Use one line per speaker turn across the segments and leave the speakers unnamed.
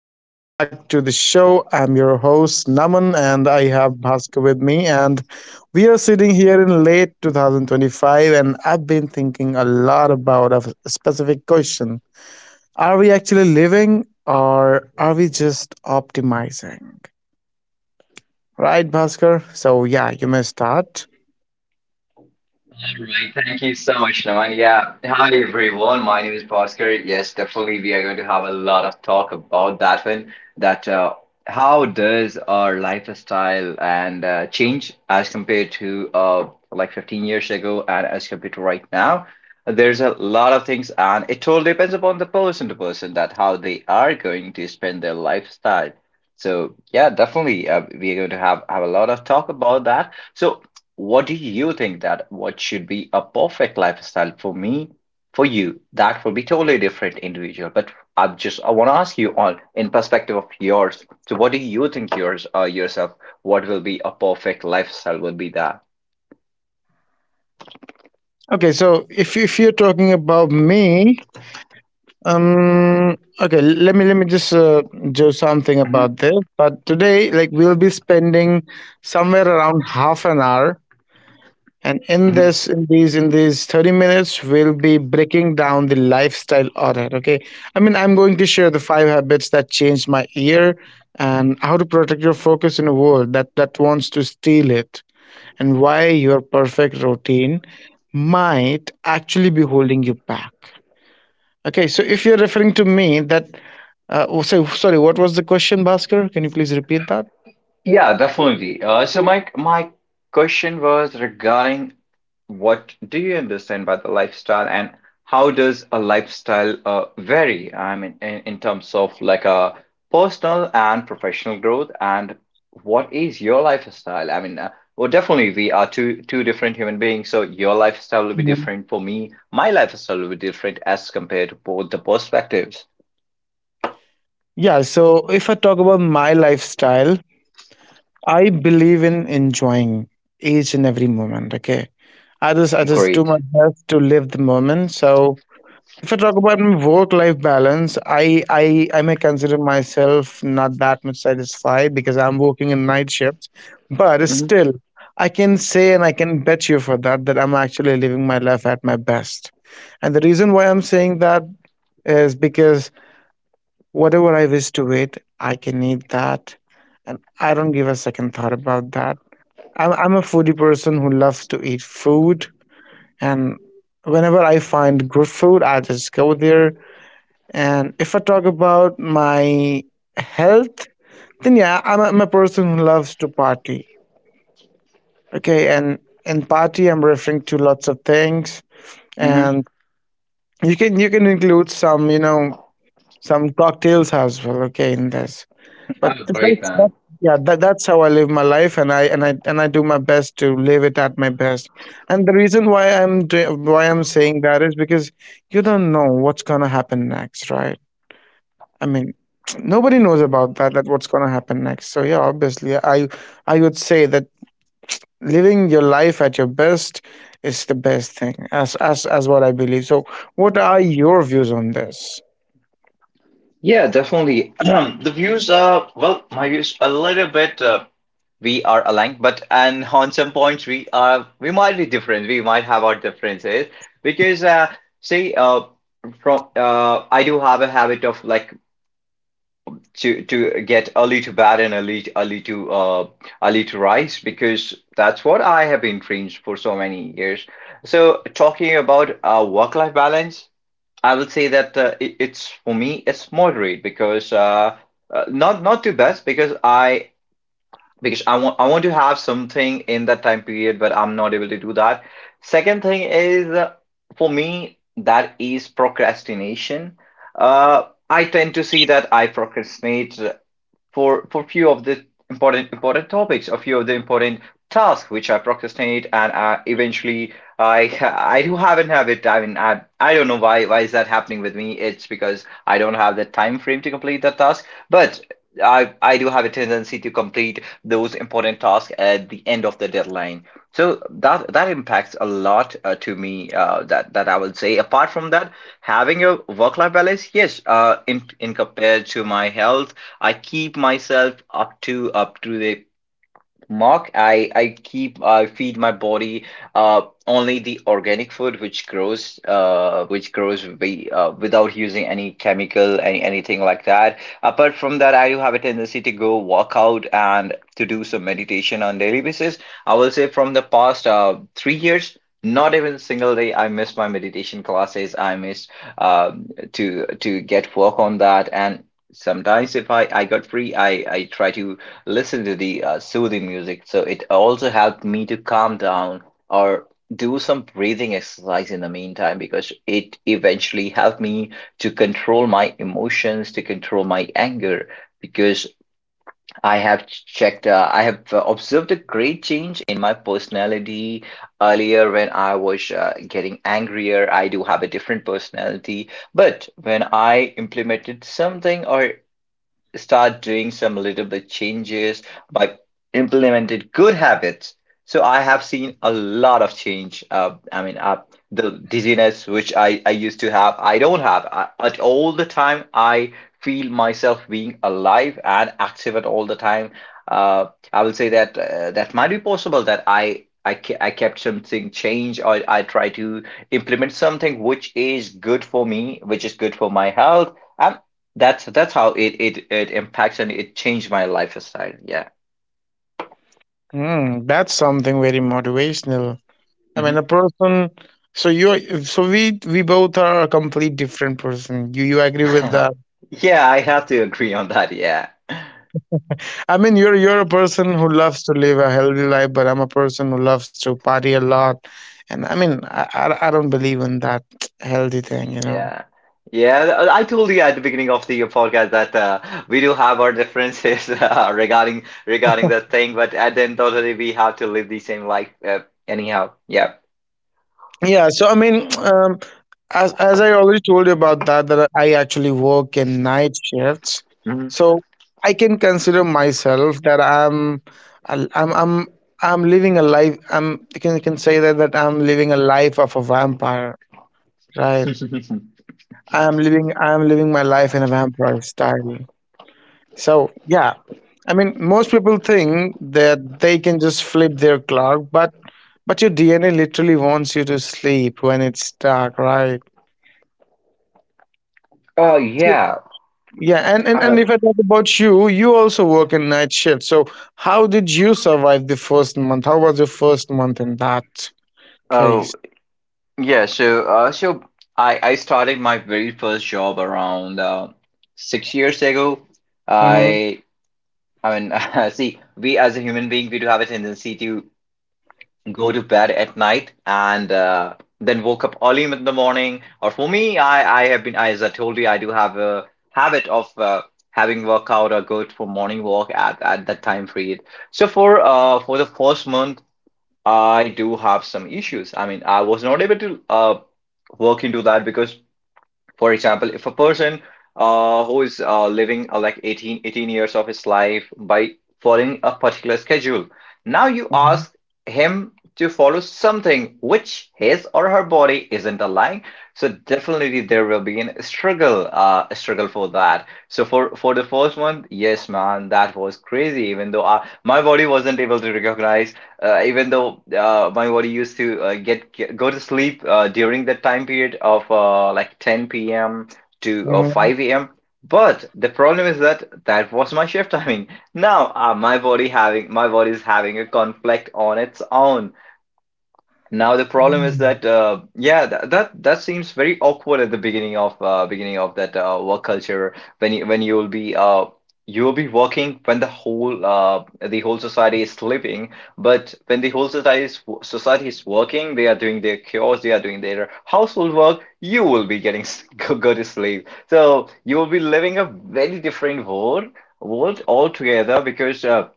Welcome back to the show. I'm your host, Naman, and I have Bhaskar with me. And we are sitting here in late 2025, and I've been thinking a lot about a specific question. Are we actually living or are we just optimizing? Right, Bhaskar? So, yeah, you may start.
All right, thank you so much, Naman. Yeah, hi everyone. My name is Bhaskar. Yes, definitely, we are going to have a lot of talk about that one. That How does our lifestyle and change as compared to like 15 years ago and as compared to right now? There's a lot of things, and it totally depends upon the person to person that how they are going to spend their lifestyle. So yeah, definitely, we are going to have a lot of talk about that. So what do you think that what should be a perfect lifestyle for me, for you? That will be totally different individual. But I want to ask you on in perspective of yours. So what do you think yours yourself? What will be a perfect lifestyle will be that?
Okay, so if you're talking about me, okay, let me just do something
Hmm
about this. But today, like, we'll be spending somewhere around half an hour, and in
hmm
this, in these, in these 30 minutes, we'll be breaking down the lifestyle audit. Okay. I mean, I'm going to share the five habits that changed my year, and how to protect your focus in a world that wants to steal it, and why your perfect routine might actually be holding you back. Okay, so if you're referring to me, that oh, so, sorry, what was the question, Bhaskar? Can you please repeat that?
Yeah, definitely. So my question was regarding what do you understand by the lifestyle and how does a lifestyle vary? I mean, in terms of like a personal and professional growth, and what is your lifestyle? I mean, well, definitely we are two different human beings, so your lifestyle will be
Mhm.
different for me. My lifestyle will be different as compared to both the perspectives.
Yeah, so if I talk about my lifestyle, I believe in enjoying each and every moment. Okay, I just do my
Great.
best to live the moment. So if I talk about my work life balance, I may consider myself not that much satisfied because I'm working in night shifts, but
Hmm
still I can say, and I can bet you for that that I'm actually living my life at my best. And the reason why I'm saying that is because whatever I wish to eat, I can eat that, and I don't give a second thought about that. I'm a foodie person who loves to eat food, and whenever I find good food, I just go there. And if I talk about my health, then yeah, I'm a person who loves to party. Okay, and in party, I'm referring to lots of things,
hmm
and you can include some you know some cocktails as well. Okay, in this. But
Oh, great, man.
yeah, that's how I live my life, and I do my best to live it at my best. And the reason why why I'm saying that is because you don't know what's gonna happen next, right? I mean, nobody knows about that what's gonna happen next. So yeah, obviously, I would say that living your life at your best is the best thing, as what I believe. So, what are your views on this?
Yeah, definitely. The views are, well, my views a little bit we are aligned, but and on some points we are we might be different. We might have our differences because see, from I do have a habit of like to get early to bed and early to early to rise because that's what I have been trained for so many years. So talking about work life balance. I will say that it, it's for me it's moderate because not too best because I want to have something in that time period but I'm not able to do that. Second thing is for me that is procrastination. Uh I tend to see that I procrastinate for few of the important topics, a few of the important tasks which I procrastinate, and I eventually I do haven't have it. I mean, I don't know why is that happening with me. It's because I don't have the time frame to complete that task, but. I do have a tendency to complete those important tasks at the end of the deadline. So that impacts a lot to me. That I would say. Apart from that, having a work life balance, yes, in compared to my health I keep myself up to the mark, I keep I feed my body uh only the organic food which grows we without using any chemical any anything like that. Apart from that, I do have a tendency to go walk out and to do some meditation on daily basis. I will say from the past 3 years, not even a single day I missed my meditation classes. I missed uh to get work on that and. Sometimes if I, I got free, I try to listen to the soothing music. So it also helped me to calm down or do some breathing exercise in the meantime because it eventually helped me to control my emotions, to control my anger. Because I have checked, I have observed a great change in my personality. Earlier, when I was getting angrier, I do have a different personality. But when I implemented something or start doing some little bit changes by implemented good habits. So I have seen a lot of change. I mean, the dizziness which I used to have, I don't have I, at all the time. I feel myself being alive and active at all the time. Uh, I will say that that might be possible that I. I kept something change or I try to implement something which is good for me, which is good for my health, and that's how it impacts and it changed my lifestyle. Yeah.
Hmm, that's something very motivational. I mean, a
hmm
person. So you, so we both are a complete different person. You agree with that?
Yeah, I have to agree on that. Yeah.
I mean, you're a person who loves to live a healthy life, but I'm a person who loves to party a lot. And I mean, I don't believe in that healthy thing.
Yeah. Yeah, I told you at the beginning of the podcast that we do have our differences regarding that thing, but at the end of the day, we have to live the same life anyhow. Yeah.
Yeah, so I mean, as I already told you about that, that I actually work in night shifts,
Mhm.
so I can consider myself that I'm, I'm, I'm living a life. I'm You can say that I'm living a life of a vampire, right? I'm living my life in a vampire style. So yeah, I mean, most people think that they can just flip their clock, but your DNA literally wants you to sleep when it's dark, right?
Oh yeah.
Yeah, and
Uh,
if I talk about you, you also work in night shift. So how did you survive the first month? How was your first month in that
oh
case?
Yeah, so so I started my very first job around 6 years ago.
Hmm.
I I mean, see, we as a human being, we do have a tendency to go to bed at night and then woke up early in the morning. Or for me, I have been as I told you, I do have a habit of having workout or go for morning walk at that time period. So for for the first month. I do have some issues. I mean, I was not able to work into that because, for example, if a person who is living like 18 years of his life by following a particular schedule, now you ask him to follow something which his or her body isn't aligned. So definitely there will be an struggle, a struggle for that. So for the first one, yes, man, that was crazy. Even though I, my body wasn't able to recognize even though my body used to get go to sleep during that time period of like 10 p.m. to
Hmm.
5 a.m. But the problem is that that was my shift timing. Now my body is having a conflict on its own now. The problem is that yeah that seems very awkward at the beginning of that work culture when when you will be working when the whole society is sleeping. But when the whole society is working, they are doing their chores, they are doing their household work, you will be getting go to sleep, so you will be living a very different world altogether because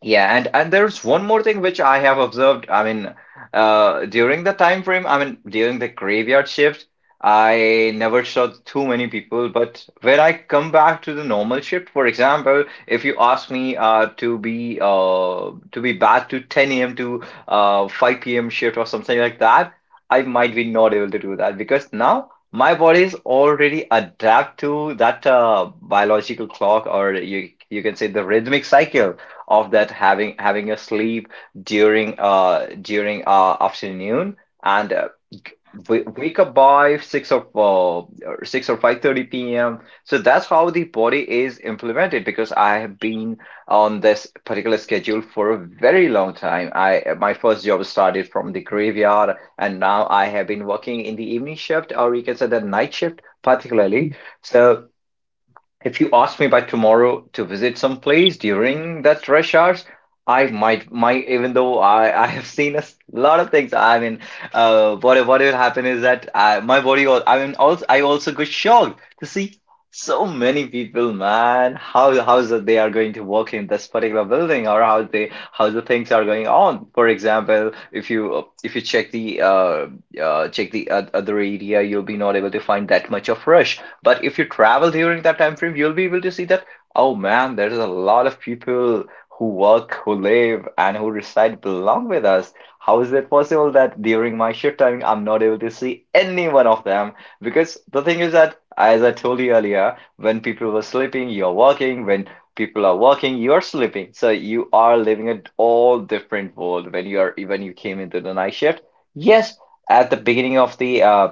yeah. And there's one more thing which I have observed. I mean, during the time frame, I mean, during the graveyard shift, I never saw too many people. But when I come back to the normal shift, for example, if you ask me to be back to 10 a.m. to 5 p.m. shift or something like that, I might be not able to do that because now my body is already adapt to that biological clock, or you can say the rhythmic cycle of that having a sleep during afternoon and wake up by 6 or 6 or 5:30 p.m. So that's how the body is implemented because I have been on this particular schedule for a very long time. I my first job started from the graveyard and now I have been working in the evening shift or you can say the night shift particularly. So if you ask me by tomorrow to visit some place during that rush hours, I might even though I have seen a lot of things. I mean, what will happen is that I, my body. I mean, also I also got shocked to see so many people, man. How's that they are going to work in this particular building, or how the things are going on. For example, if you check the other area, you'll be not able to find that much of rush. But if you travel during that time frame, you'll be able to see that, oh man, there's a lot of people who work, who live, and who reside belong with us. How is it possible that during my shift timing, I'm not able to see any one of them? Because the thing is that, as I told you earlier, when people were sleeping, you're working. When people are working, you're sleeping. So you are living a all different world when you are when you came into the night shift. Yes, at the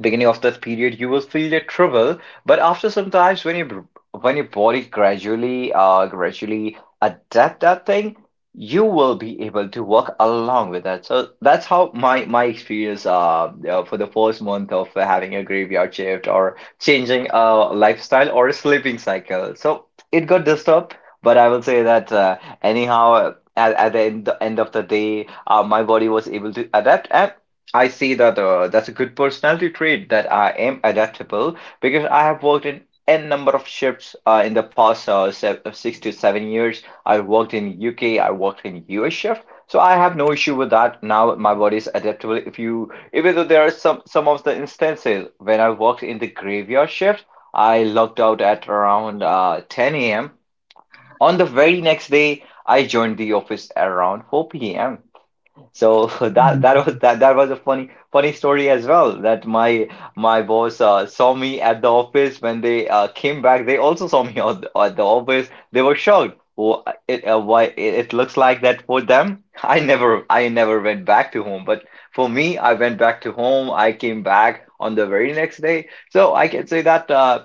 beginning of that period you will feel the trouble but after some times when your body gradually adapt that thing you will be able to work along with that. So that's how my experience, for the first month of having a graveyard shift or changing a lifestyle or a sleeping cycle, so it got disturbed. But I will say that, anyhow at the end of the day, my body was able to adapt. And I see that, that's a good personality trait that I am adaptable, because I have worked in n number of shifts, in the past se 6 to 7 years. I worked in UK, I worked in US shift, so I have no issue with that. Now my body is adaptable. If you, even though there are some of the instances when I worked in the graveyard shift, I logged out at around 10 a.m. On the very next day, I joined the office around 4 p.m. So that was a funny story as well. That my boss, saw me at the office when they, came back. They also saw me at the office. They were shocked. It looks like that for them. I never went back to home, but for me, I went back to home. I came back on the very next day. So I can say that, uh,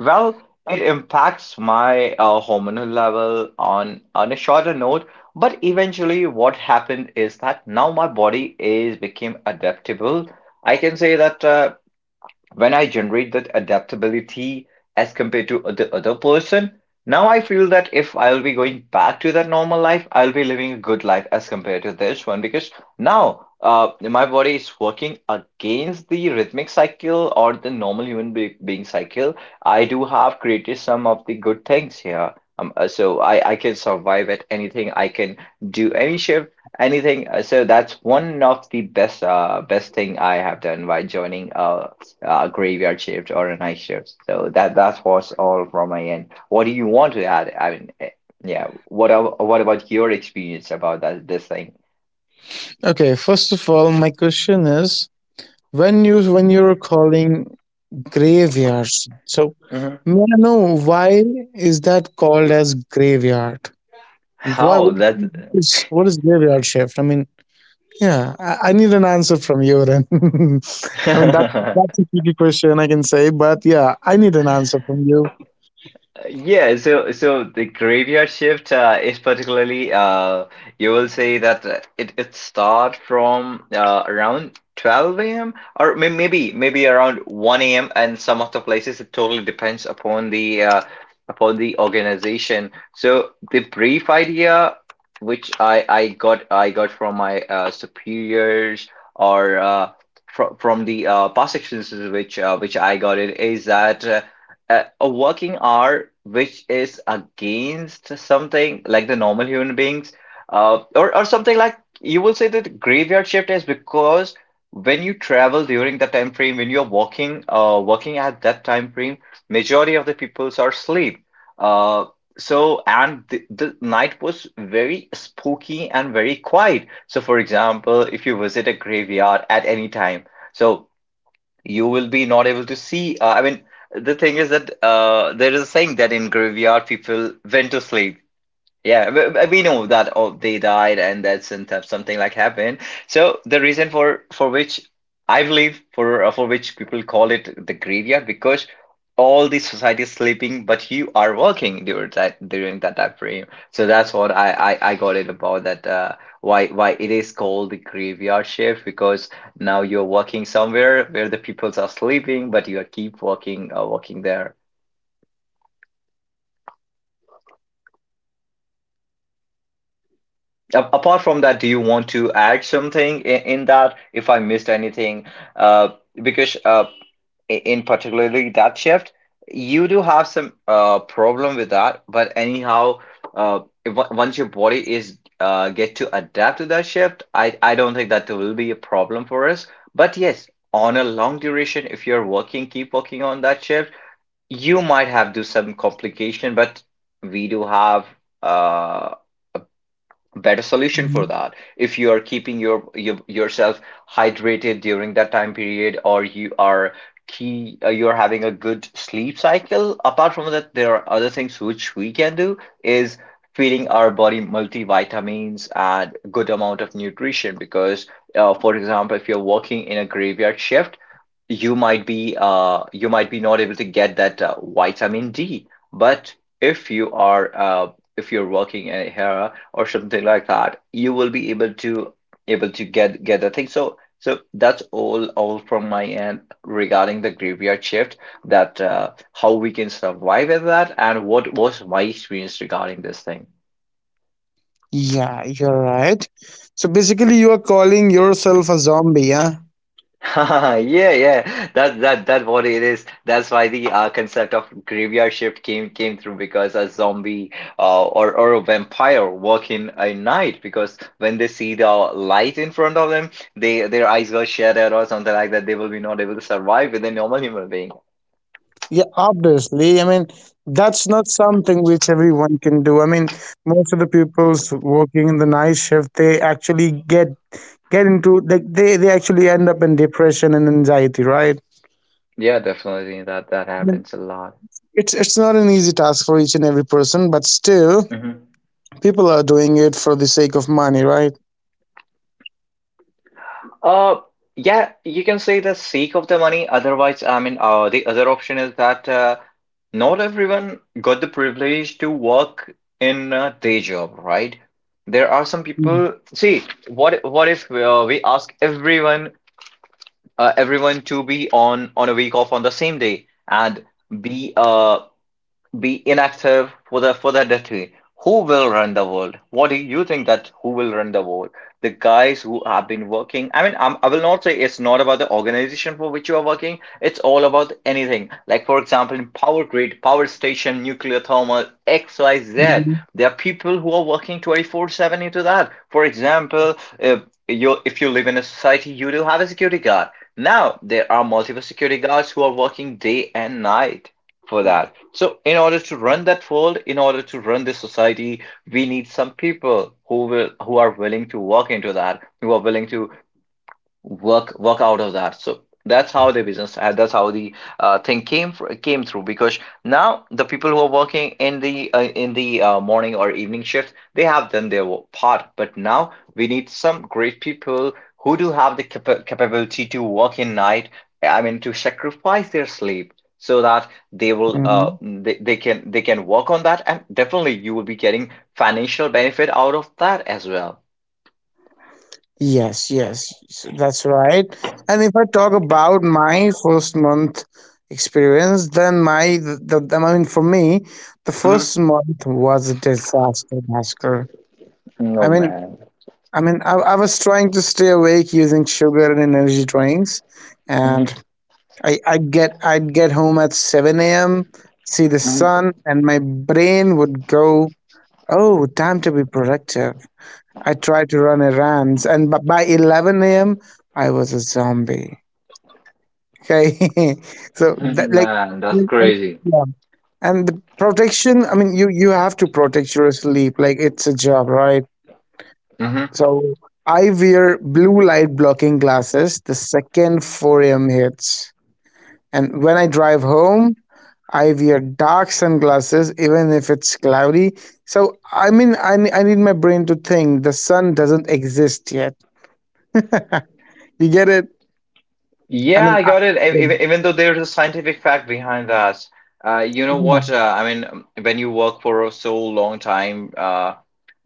well, it impacts my, hormonal level on a shorter note, but eventually what happened is that now my body is became adaptable. I can say that, when I generate that adaptability as compared to the other person, now I feel that if I'll be going back to that normal life, I'll be living a good life as compared to this one, because now, my body is working against the rhythmic cycle or the normal human be being cycle. I do have created some of the good things here. So I can survive at anything. I can do any shift, anything. So that's one of the best, best thing I have done by joining, graveyard shift or a night shift. So that that was all from my end. What do you want to add? Yeah. What about your experience about that this thing?
Okay, first of all, my question is, when you're calling graveyards, so
Hmm.
may I know why is that called as graveyard? Why
How
What
that?
is graveyard shift? I mean, yeah, I need an answer from you then. I mean, that's a tricky question, I can say, but yeah, I need an answer from you.
Yeah, so so the graveyard shift, is particularly, you will say that, it it start from, around 12 a.m. or maybe around 1 a.m., and some of the places it totally depends upon the, upon the organization. So the brief idea which I got from my, superiors or, from the, past experiences which, which I got, it is that. A working hour which is against something like the normal human beings, or something like, you will say that graveyard shift is because when you travel during that time frame, when you're working, working at that time frame, majority of the peoples are asleep. uh, so, and the night was very spooky and very quiet, so for example if you visit a graveyard at any time, so you will be not able to see. The thing is that, there is a saying that in graveyard people went to sleep. Yeah, we know that, oh, they died and that some- something like happened. So the reason for which I believe for which people call it the graveyard, because all the society is sleeping, but you are working during that time frame. So that's what I got it about that, why it is called the graveyard shift, because now you're working somewhere where the peoples are sleeping, but you are keep working, working there. A- Apart from that, do you want to add something in that if I missed anything? Uh, because in particularly that shift, you do have some, problem with that. But anyhow, if, on- once your body is, get to adapt to that shift, I don't think that will be a problem for us. But yes, on a long duration, if you're working, keep working on that shift, you might have do some complication. But we do have, uh, better solution for
Mhm.
that if you are keeping your yourself hydrated during that time period, or you are key you're having a good sleep cycle. Apart from that, there are other things which we can do is feeding our body multivitamins and good amount of nutrition, because, for example, if you're working in a graveyard shift, you might be, you might be not able to get that, vitamin D. But if you are, if you're working in a hair or something like that, you will be able to get the thing. So that's all from my end regarding the graveyard shift. That, how we can survive with that and what was my experience regarding this thing.
Yeah, you're right. So basically, you are calling yourself a zombie, yeah?
Yeah, yeah. That that that what it is. That's why the, concept of graveyard shift came through, because a zombie, or a vampire working at night, because when they see the light in front of them, they their eyes will shattered or something like that. They will be not able to survive with a normal human being.
Yeah, obviously. I mean, that's not something which everyone can do. I mean, most of the people's working in the night shift, they actually get into, like, they actually end up in depression and anxiety, right?
Yeah, definitely. That that
I mean,
happens a lot.
it's not an easy task for each and every person, but still, people are doing it for the sake of money, right?
Uh, yeah, you can say the sake of the money. Otherwise, I mean, the other option is that, not everyone got the privilege to work in a day job, right? There are some
Mm,
people. See, what if, we ask everyone, everyone to be on a week off on the same day and be inactive for the decade. Who will run the world? What do you think that who will run the world? The guys who have been working. I will not say it's not about the organization for which you are working. It's all about anything. Like for example, in power grid, power station, nuclear thermal, X, Y, Z.
mhm,
There are people who are working 24/7 into that. For example, if you live in a society, you do have a security guard. Now there are multiple security guards who are working day and night for that. So, in order to run that fold, in order to run this society, we need some people who are willing to walk into that, who are willing to work out of that. So that's how the business, that's how the, thing came through, because now the people who are working in the, in the, morning or evening shift, they have done their wo- part, but now we need some great people who do have the capability to work in night. I mean, to sacrifice their sleep so that
mhm.
they can work on that. And definitely you will be getting financial benefit out of that as well.
Yes, yes, that's right. And if I talk about my first month experience, then my the I mean, for me, the
Mhm.
first month was a disaster, Bhaskar. I
Oh
mean,
man.
I was trying to stay awake using sugar and energy drinks, and I'd get home at 7 a.m., see the
Mhm.
sun, and my brain would go, "Oh, time to be productive." I tried to run errands, and by 11 a.m., I was a zombie. Okay. so that like,
Man, that's
and-
crazy.
Yeah. And the protection. I mean, you have to protect your sleep. Like it's a job, right?
Hmm.
So I wear blue light blocking glasses the second 4 a.m. hits. And when I drive home, I wear dark sunglasses even if it's cloudy. So, I mean, I need my brain to think the sun doesn't exist yet. You get it? I
Yeah,
mean,
I got it. E-
yeah.
Even, even though there's a scientific fact behind that, you know
Yeah.
what? When you work for so long time,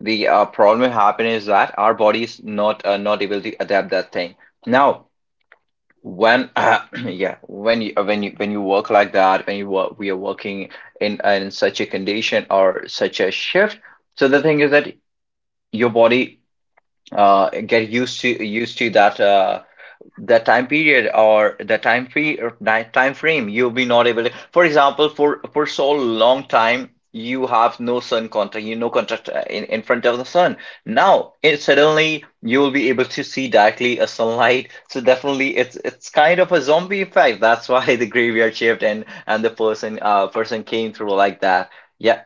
the, problem will happen is that our body is not, not able to adapt that thing. Now, when yeah, when you, when you when you work like that, when you work, we are working in, in such a condition or such a shift. So the thing is that your body, get used to that, the time period or the time free or time frame. You've been not able to, for example, for so long time you have no sun contract, you no contract, in front of the sun. Now it suddenly you will be able to see directly a sunlight, so definitely it's kind of a zombie effect. That's why the graveyard shift and the person, person came through like that. Yeah,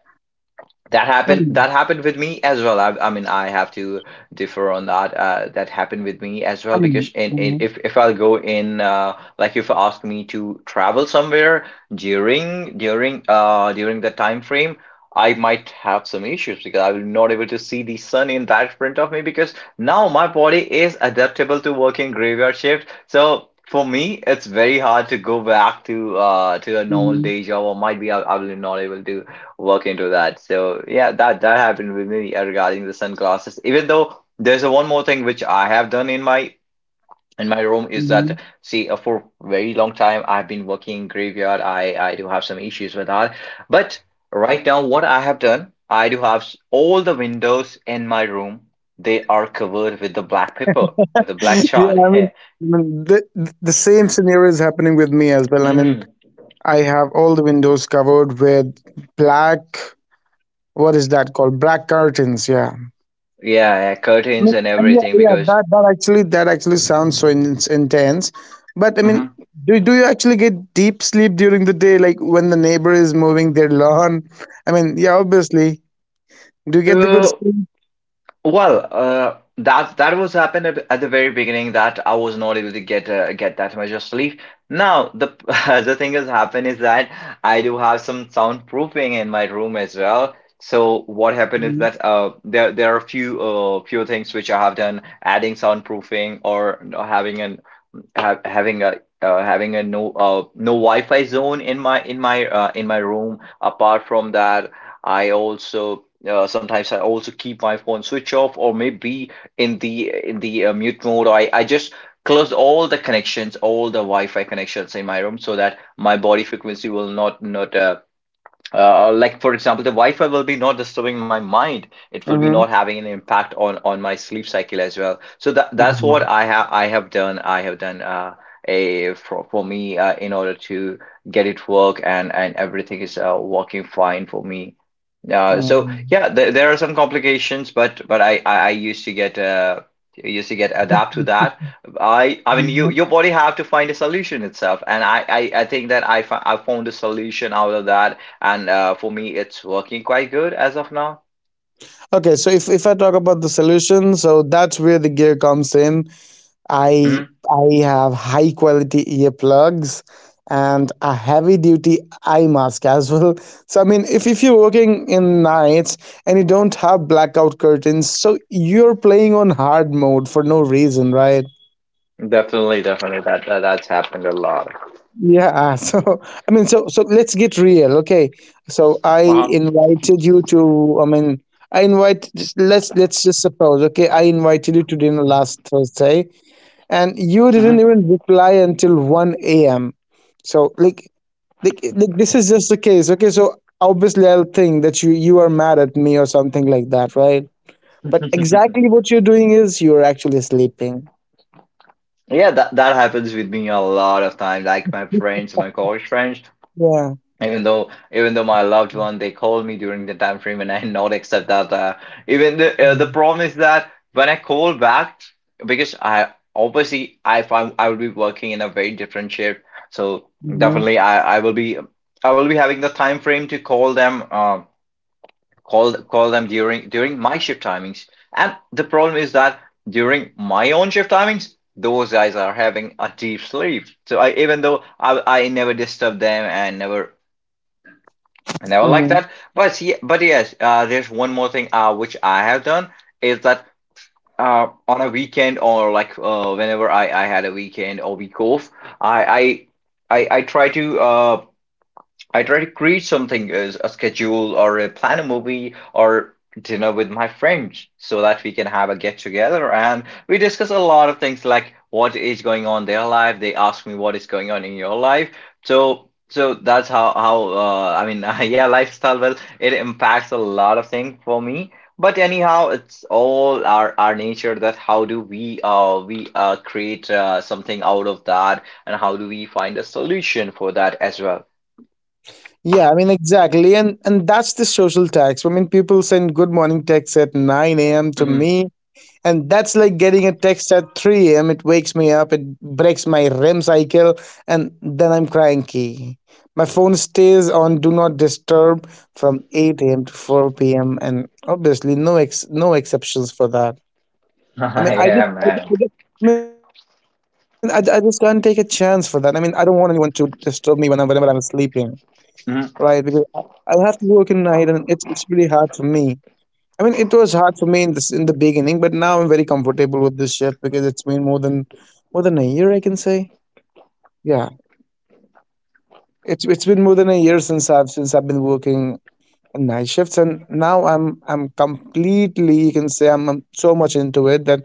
Mm,
that happened with me as well. I mean, I have to differ on that. That happened with me as
I
well
mean,
because in
mhm,
if I'll go in, like if you ask me to travel somewhere during the time frame, I might have some issues because I will not able to see the sun in that front of me, because now my body is adaptable to working graveyard shift. So for me, it's very hard to go back to a normal
mhm,
day job, or might be I will not able to work into that. So yeah, that that happened with me, regarding the sunglasses. Even though there's a one more thing which I have done in my room is
mhm.
that, see, for very long time I've been working in graveyard. I do have some issues with that, but right now what I have done, I do have all the windows in my room. They are covered with the black paper, with the black chart.
Yeah, I mean, the same scenario is happening with me as well. I mean,
Hmm.
I have all the windows covered with black — what is that called? Black curtains, yeah.
Yeah, yeah, curtains
No,
and
and Yeah,
everything
yeah,
because.
that actually sounds so intense. But I mean, do you actually get deep sleep during the day, like when the neighbor is mowing their lawn? I mean, yeah, obviously, do you get the good
Mhm.
sleep?
Well, that was happened at the very beginning that I was not able to get that much of sleep. Now the the thing has happened is that I do have some soundproofing in my room as well. So what happened is
Mm-hmm.
that there are a few things which I have done: adding soundproofing, or having an ha having a, having a no, no Wi-Fi zone in my room. Apart from that, I also, sometimes I also keep my phone switch off, or maybe in the mute mode. I just close all the connections, all the Wi-Fi connections in my room so that my body frequency will not, like for example, the Wi-Fi will be not disturbing my mind. It will be not having an impact on my sleep cycle as well. So that's what I have done. I have done, a for me in order to get it work, and everything is, working fine for me. So
Mm-hmm.
yeah, there are some complications, but I used to get adapt to that. I mean your body have to find a solution itself, and I think that I found a solution out of that, and, for me it's working quite good as of now.
Okay, so if I talk about the solution, so that's where the gear comes in. I
Hmm.
I have high quality earplugs and a heavy duty eye mask as well. So I mean, if you're working in nights and you don't have blackout curtains, so you're playing on hard mode for no reason, right?
Definitely, definitely that, that's happened a lot.
Yeah. So I mean, so let's get real, okay? So I
Uh-huh.
invited you to. I mean, I invite. Let's just suppose, okay? I invited you to dinner last Thursday, and you didn't
Hmm.
even reply until 1 a.m., so like this is just the case. Okay, so obviously I'll think that you are mad at me or something like that, right? But exactly what you're doing is you're actually sleeping.
Yeah, that happens with me a lot of time. Like my friends, my college friends,
Yeah.
even though my loved one, they call me during the time frame and I not accept that, even the, the problem is that when I call back, because I obviously I if I I will be working in a very different shift, so
Hmm.
definitely I will be having the time frame to call them, call them during my shift timings. And the problem is that during my own shift timings those guys are having a deep sleep, so I, even though I never disturb them, and never, like
Hmm.
that. But yeah, but yes, there's one more thing, which I have done is that, on a weekend, or like, whenever I had a weekend or week off, I I try to, create something as a schedule, or a plan, a movie, or dinner with my friends, so that we can have a get together and we discuss a lot of things, like what is going on in their life. They ask me, what is going on in your life? So, that's how, I mean, yeah, lifestyle, well, it impacts a lot of things for me. But anyhow, it's all our nature that how do we, create, something out of that and how do we find a solution for that as well.
Yeah, I mean exactly, and that's the social tax. I mean, people send good morning texts at 9 a.m. to
Mm-hmm.
me, and that's like getting a text at 3 a.m. It wakes me up, it breaks my REM cycle, and then I'm cranky. My phone stays on do not disturb from 8 a.m. to 4 p.m., and obviously no exceptions for that. I mean I just
Yeah,
I, just-
man.
I just I mean, I just can't take a chance for that. I mean, I don't want anyone to disturb me whenever I'm sleeping,
Hmm.
right? Because I have to work in night, and it's really hard for me. I mean, it was hard for me in the beginning, but now I'm very comfortable with this shift because it's been more than a year, I can say. Yeah, it's been more than a year since I've been working in night shifts, and now I'm completely, you can say I'm so much into it that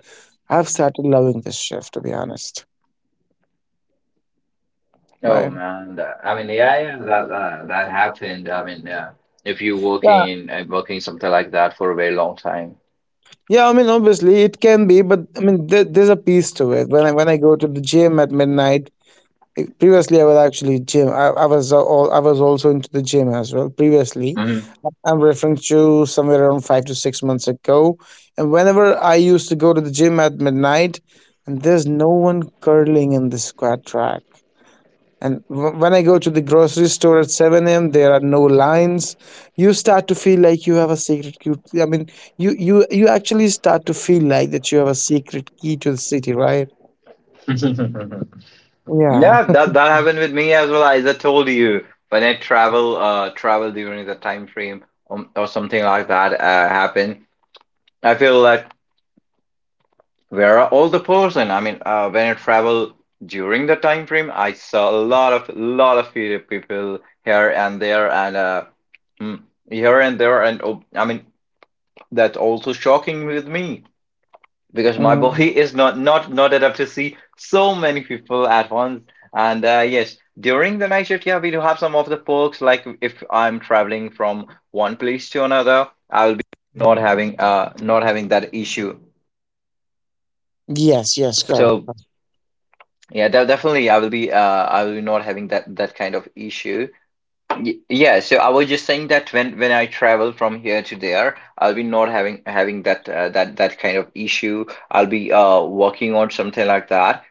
I've started loving this shift, to be honest.
Oh
Right?
man, I mean, yeah, yeah, that, that happened. I mean, if you're
Yeah.
working in, working something like that for a very long time.
Yeah, I mean, obviously it can be, but I mean, there's a piece to it. When I go to the gym at midnight, previously I was actually gym. I was also into the gym as well previously.
Hmm.
I'm referring to somewhere around 5 to 6 months ago. And whenever I used to go to the gym at midnight, and there's no one curling in the squat rack. And when I go to the grocery store at 7 a.m., there are no lines. You start to feel like you have a secret key. I mean, you actually start to feel like that you have a secret key to the city, right? Yeah.
Yeah, that happened with me as well. As I told you, when I travel during the time frame, or something like that happened, I feel like, where are all the person? I mean, when I travel during the time frame, I saw a lot of people here and there, and, mm, here and there, and, oh, I mean, that's also shocking with me because my
Mhm.
body is not adapt to see so many people at once. And, yes, during the night shift, yeah, we do have some of the perks. Like if I'm traveling from one place to another.
Yes, yes, correct.
Yeah, so I was just saying that when I travel from here to there, I'll be not having that, that kind of issue. I'll be, working on something like that.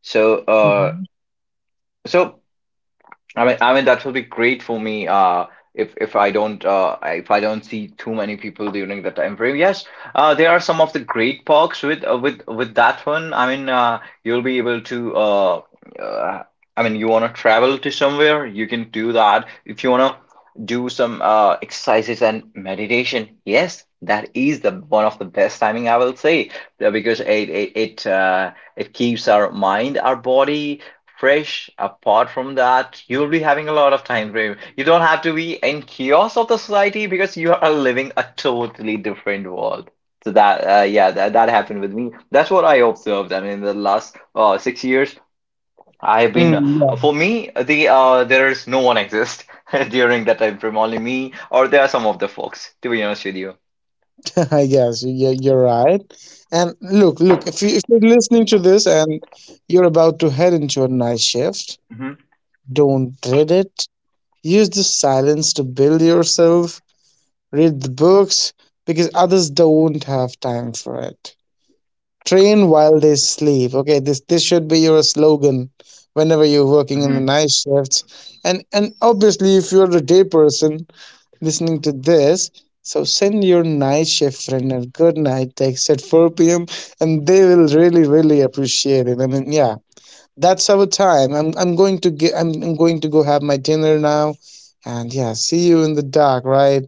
So uh
Mhm.
so I mean, that will be great for me. If I don't see too many people during the time frame, yes. There are some of the great parks with, with that one. I mean, you'll be able to, uh I mean, you want to travel to somewhere, you can do that. If you want to do some exercises and meditation, yes, that is the one of the best timing I will say, because it keeps our mind, our body fresh. Apart from that, you'll be having a lot of time frame. You don't have to be in chaos of the society because you are living a totally different world. So that, yeah, that, happened with me. That's what I observed. I mean, in the last, 6 years I've been,
Mm.
for me the, there is no one exists during that time frame, only me, or there are some of the folks, to be honest with you.
Yes, you- are you're right. And look, look, if you're listening to this and you're about to head into a night shift,
Hmm.
don't dread it. Use the silence to build yourself, read the books, because others don't have time for it. Train while they sleep. Okay, this should be your slogan whenever you're working in the
Hmm.
night shifts. And obviously, if you're a day person listening to this. So send your night shift friend a good night text at 4 p.m. and they will really, really appreciate it. I mean, yeah, that's our time. I'm going to go have my dinner now, and yeah, see you in the dark, right?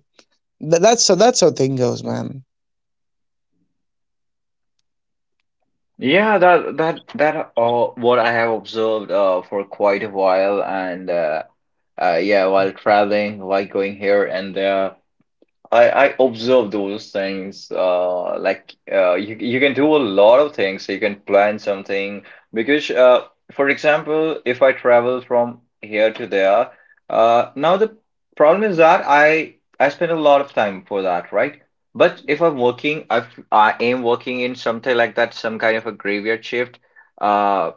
Th- that's so. That's how thing goes, man.
Yeah, that that that what I have observed, for quite a while, and, yeah, while traveling, while going here and there. I observe those things. Like, you can do a lot of things. You can plan something because, for example, if I travel from here to there, now the problem is that I spend a lot of time for that, right? But if I'm working, I am working in something like that, some kind of a graveyard shift. Uh,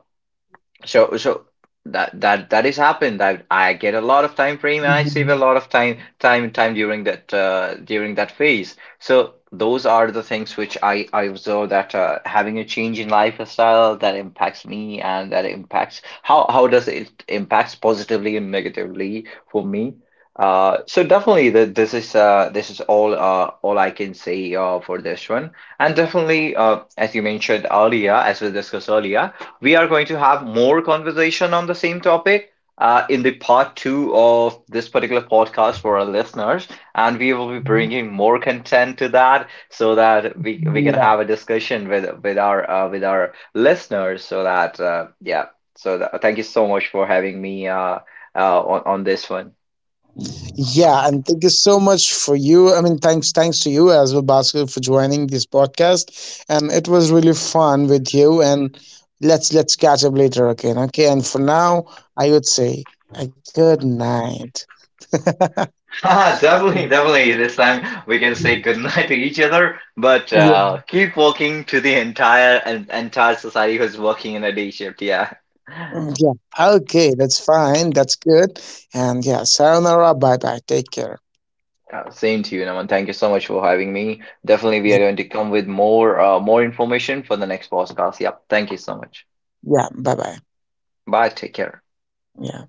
so that is happened, that I get a lot of time frame and I save a
Mhm.
lot of time during that, phase. So those are the things which I observe, that, having a change in lifestyle, that impacts me, and that impacts how, does it impacts, positively and negatively, for me. So definitely that this is all, all I can say, for this one. And definitely, as you mentioned earlier, as we discussed earlier, we are going to have more conversation on the same topic, in the part two of this particular podcast, for our listeners, and we will be bringing more content to that so that we can have a discussion with our listeners. So that, thank you so much for having me, on this one.
Yeah, and thank you so much for you. I mean, thanks to you as well, Bhaskar, for joining this podcast. And it was really fun with you. And let's catch up later again, okay? And for now, I would say a good night.
Ah, definitely, definitely. This time we can say goodnight to each other, but,
Yeah,
keep walking to the entire and entire society who's working in a day shift. Yeah. Uh,
yeah. Okay, that's fine. That's good. And yeah, sayonara. Bye bye. Take care.
same to you, Naman. Thank you so much for having me. Definitely, we
Yeah,
are going to come with more information for the next podcast. Yep. Thank you so much.
yeah. Bye bye.
Bye. Take care.
Yeah.